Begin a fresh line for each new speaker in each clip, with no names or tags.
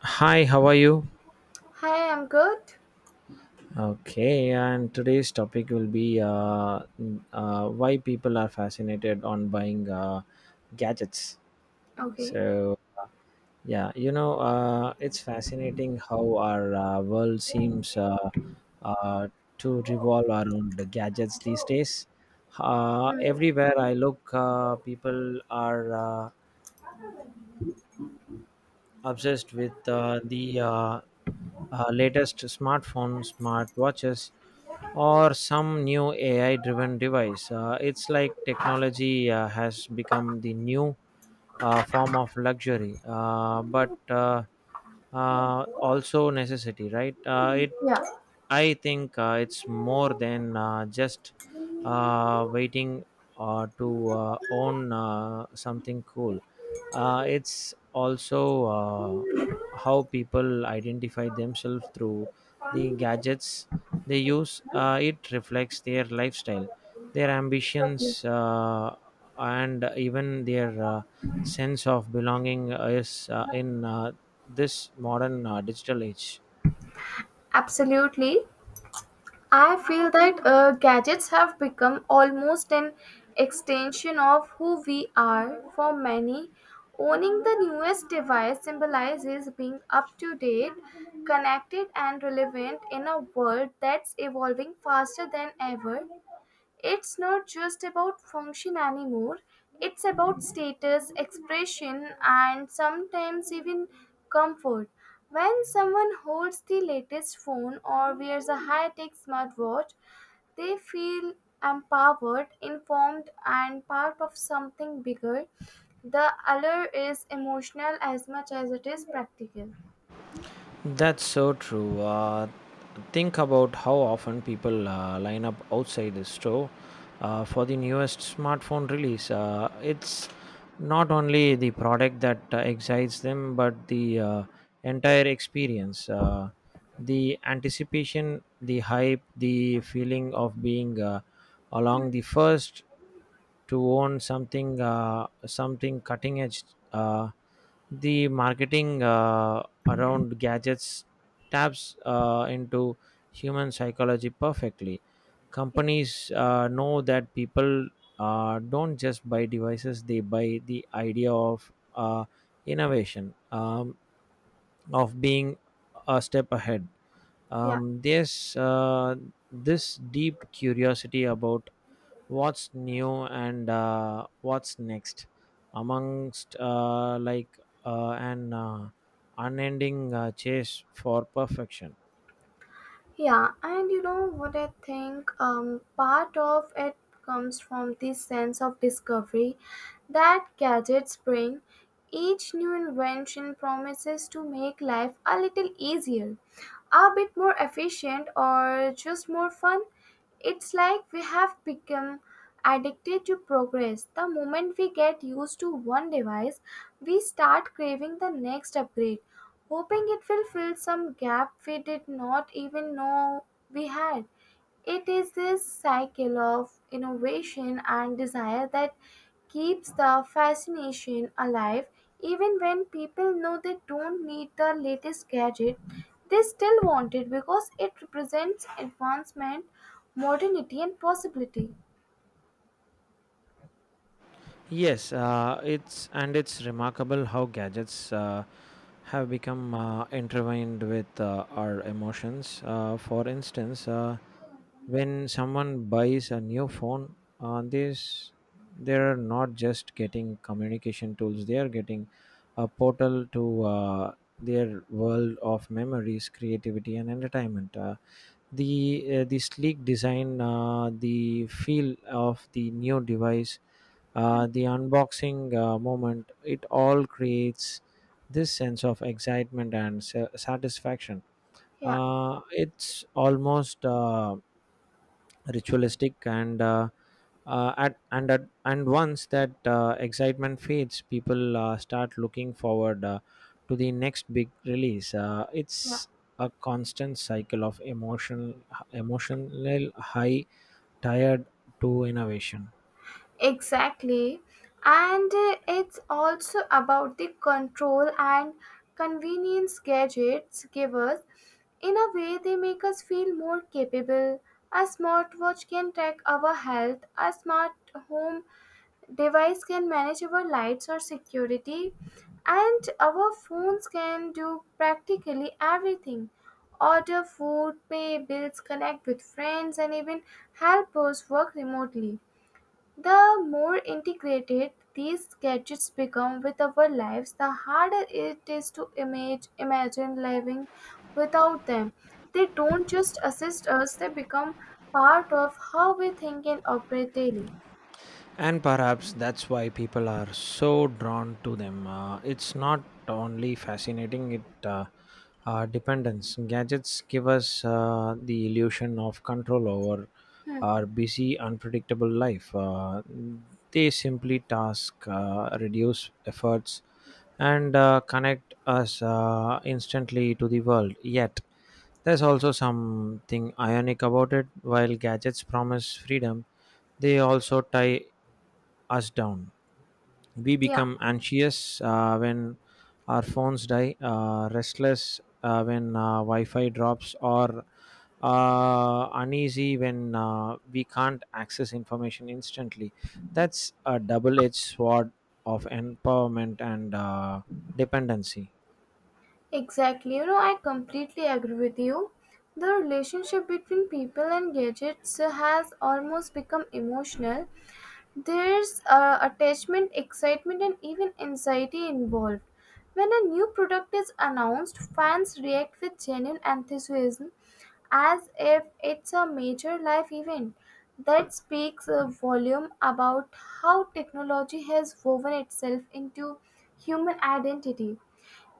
Hi, how are you?
Hi, I'm good.
Okay, and today's topic will be why people are fascinated on buying gadgets.
Okay.
So, yeah, it's fascinating how our world seems uh, to revolve around the gadgets these days.
Hmm.
Everywhere I look, people are obsessed with the latest smartphones, smartwatches, or some new AI driven device. It's like technology has become the new form of luxury, but also necessity, right?
Yeah,
I think it's more than just waiting to own something cool. It's also how people identify themselves through the gadgets they use. It reflects their lifestyle, their ambitions, and even their sense of belonging is in this modern digital age.
absolutely. I feel that gadgets have become almost an extension of who we are for many. Owning the newest device symbolizes being up to date, connected, and relevant in a world that's evolving faster than ever. It's not just about function anymore, it's about status, expression, and sometimes even comfort. When someone holds the latest phone or wears a high tech smartwatch, they feel empowered, informed, and part of something bigger. The allure is emotional as much as it is practical.
That's so true. Think about how often people line up outside the store for the newest smartphone release. It's not only the product that excites them, but the entire experience. The anticipation, the hype, the feeling of being along the first to own something cutting edge. uh, the marketing around gadgets taps into human psychology perfectly. Companies know that people don't just buy devices, they buy the idea of innovation, of being a step ahead.
Yeah.
There's this deep curiosity about what's new and what's next, amongst like an unending chase for perfection.
Yeah, and you know what I think? Part of it comes from this sense of discovery that gadgets bring. Each new invention promises to make life a little easier, a bit more efficient, or just more fun. It's like we have become addicted to progress. The moment we get used to one device, we start craving the next upgrade, hoping it will fill some gap we did not even know we had. It is this cycle of innovation and desire that keeps the fascination alive even when people know they don't need the latest gadget, they still want it because it represents advancement, modernity, and possibility.
Yes. Uh, it's and it's remarkable how gadgets have become intertwined with our emotions. For instance, when someone buys a new phone on this, they're not just getting communication tools, they are getting a portal to their world of memories, creativity, and entertainment. Uh, the uh, the sleek design, the feel of the new device, the unboxing moment, it all creates this sense of excitement and satisfaction.
Yeah,
It's almost ritualistic, and at and at, and once that excitement fades, people start looking forward to the next big release. uh,
yeah,
it's a constant cycle of emotional high tired to innovation.
exactly. And it's also about the control and convenience gadgets give us. In a way, they make us feel more capable. A smartwatch can track our health, a smart home device can manage our lights or security, and our phones can do practically everything: order food, pay bills, connect with friends, and even help us work remotely. The more integrated these gadgets become with our lives, the harder it is to imagine living without them. They don't just assist us, they become part of how we think and operate daily.
And perhaps that's why people are so drawn to them. It's not only fascinating, it dependence gadgets give us the illusion of control over
Hmm.
our busy, unpredictable life. They simply task, reduce efforts, and connect us instantly to the world. Yet there's also something ionic about it. While gadgets promise freedom, they also tie us down. We
Yeah,
become anxious when our phones die, restless when Wi Fi drops, or uneasy when we can't access information instantly. That's a double edged sword of empowerment and dependency.
exactly. You know, I completely agree with you. The relationship between people and gadgets has almost become emotional. There's attachment, excitement, and even anxiety involved. When a new product is announced, fans react with genuine enthusiasm as if it's a major life event. That speaks a volume about how technology has woven itself into human identity.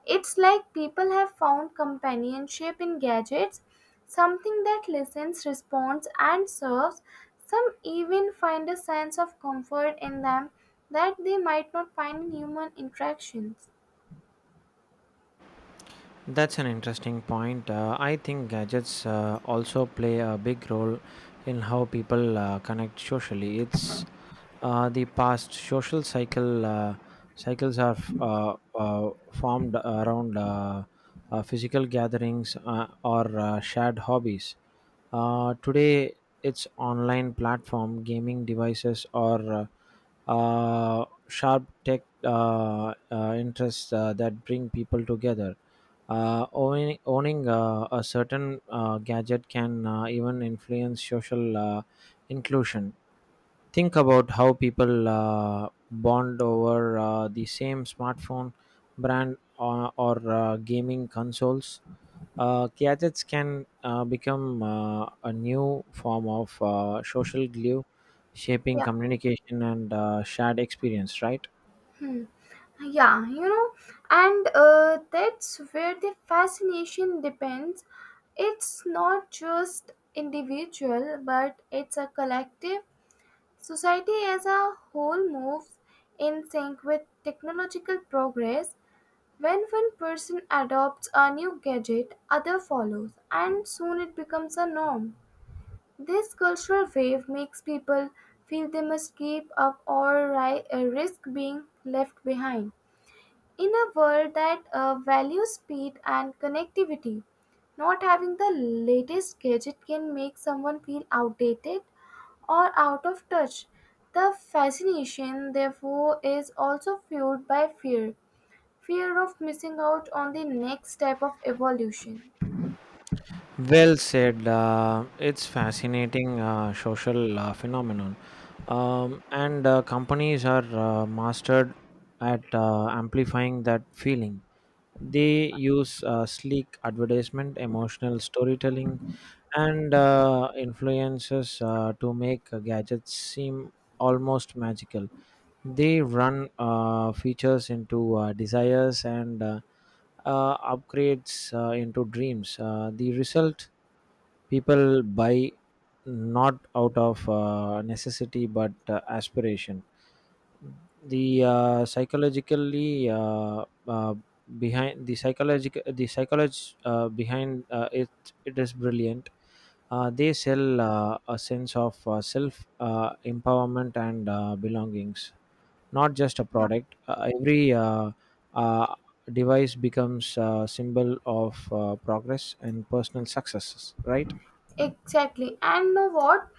It's like people have found companionship in gadgets, something that listens, responds, and serves. Some even find a sense of comfort in them that they might not find in human interactions.
That's an interesting point. I think gadgets also play a big role in how people connect socially. It's the past social cycles are formed around physical gatherings or shared hobbies. Today, it's online platform, gaming devices, or sharp tech interests that bring people together. Owning a certain gadget can even influence social inclusion. Think about how people bond over the same smartphone brand, or gaming consoles. Gadgets can become a new form of social glue, shaping
Yeah,
communication and shared experience, right?
yeah, you know, and that's where the fascination depends. It's not just individual, but it's a collective. Society as a whole moves in sync with technological progress. When one person adopts a new gadget, other follows, and soon it becomes a norm. This cultural wave makes people feel they must keep up or risk being left behind. In a world that values speed and connectivity, not having the latest gadget can make someone feel outdated or out of touch. The fascination, therefore, is also fueled by fear, fear of missing out on the next step of evolution.
Well said. It's fascinating social phenomenon, and companies are mastered at amplifying that feeling. They use sleek advertisement, emotional storytelling, and influences to make gadgets seem almost magical. They run features into desires, and upgrades into dreams. The result: people buy not out of necessity but aspiration. The psychologically uh, behind the psychological the psychology behind it is brilliant. They sell a sense of self empowerment and belongings, not just a
Yeah,
product. Every uh, device becomes a symbol of progress and personal successes, right?
exactly. And know what?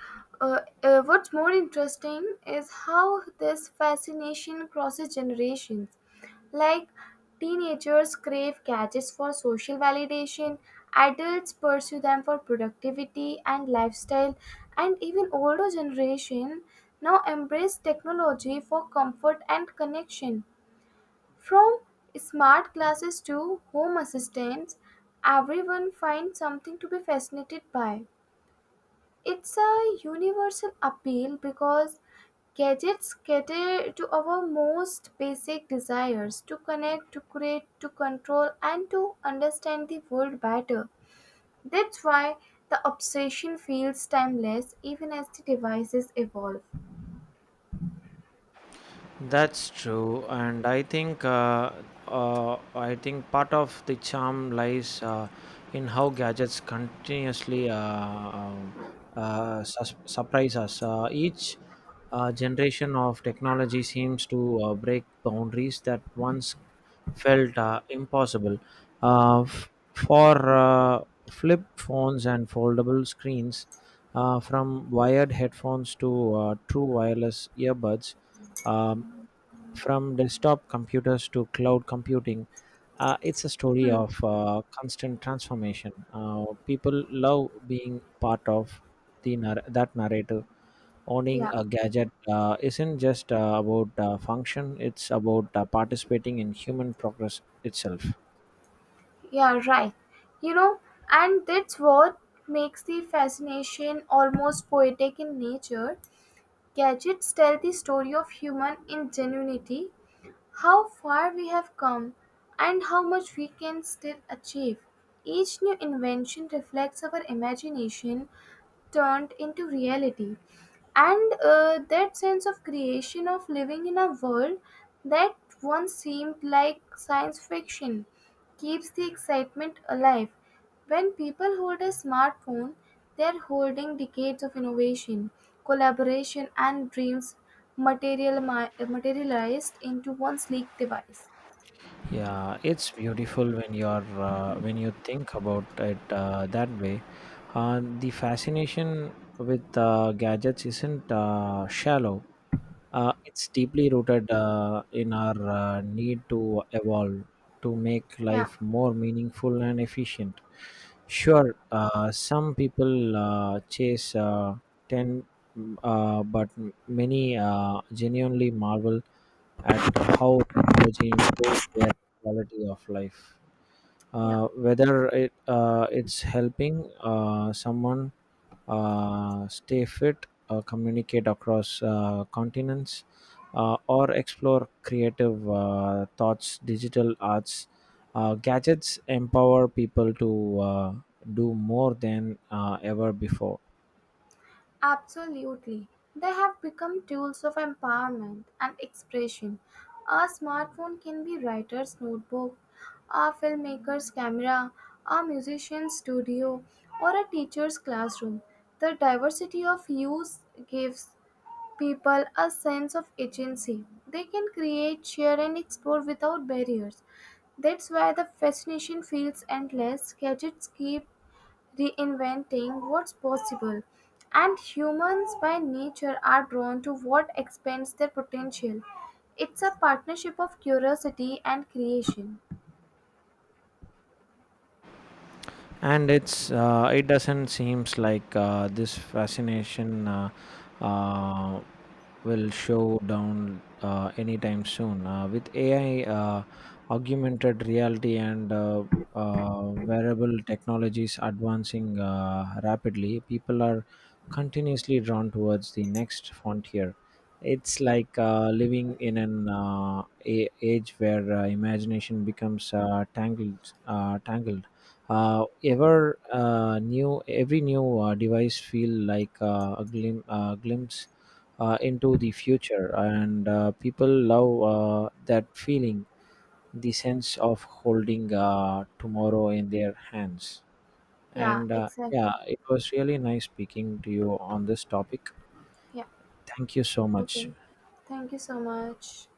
What's more interesting is how this fascination crosses generations. Like teenagers crave gadgets for social validation, adults pursue them for productivity and lifestyle, and even older generation now embrace technology for comfort and connection. From smart glasses to home assistants, everyone finds something to be fascinated by. It's a universal appeal because gadgets cater to our most basic desires: to connect, to create, to control, and to understand the world better. That's why the obsession feels timeless even as the devices evolve.
That's true, and I think part of the charm lies in how gadgets continuously surprise us. Each generation of technology seems to break boundaries that once felt impossible. For flip phones and foldable screens, from wired headphones to true wireless earbuds, um, from desktop computers to cloud computing, it's a story
Hmm.
of constant transformation. People love being part of that narrative. Owning
Yeah,
a gadget isn't just about function, it's about participating in human progress itself.
yeah, right. You know, and that's what makes the fascination almost poetic in nature. Gadgets tell the story of human ingenuity, how far we have come and how much we can still achieve. Each new invention reflects our imagination turned into reality. And that sense of creation, of living in a world that once seemed like science fiction, keeps the excitement alive. When people hold a smartphone, they're holding decades of innovation, collaboration, and dreams materialized into one sleek device.
Yeah, it's beautiful when you're when you think about it that way. The fascination with gadgets isn't shallow. It's deeply rooted in our need to evolve, to make
Yeah,
life more meaningful and efficient. Sure, some people chase 10, but many genuinely marvel at how technology improves their quality of life,
yeah,
whether it's helping someone stay fit, communicate across continents, or explore creative thoughts, digital arts. Gadgets empower people to do more than ever before.
absolutely. They have become tools of empowerment and expression. A smartphone can be writer's notebook, a filmmaker's camera, a musician's studio, or a teacher's classroom. The diversity of use gives people a sense of agency. They can create, share, and explore without barriers. That's why the fascination feels endless. Gadgets keep reinventing what's possible. And humans by nature are drawn to what expands their potential. It's a partnership of curiosity and creation.
And it doesn't seems like this fascination uh, will show down anytime soon, with AI, augmented reality, and wearable technologies advancing rapidly. People are continuously drawn towards the next frontier. It's
Yeah,
like living in an age where imagination becomes tangled.
yeah,
Every new device feel like a glimpse into the future, and people love that feeling, the sense of holding tomorrow in their hands.
yeah,
And
exactly.
yeah, it was really nice speaking to you on this topic.
Yeah,
Thank you so
okay.
much.
Thank you so much.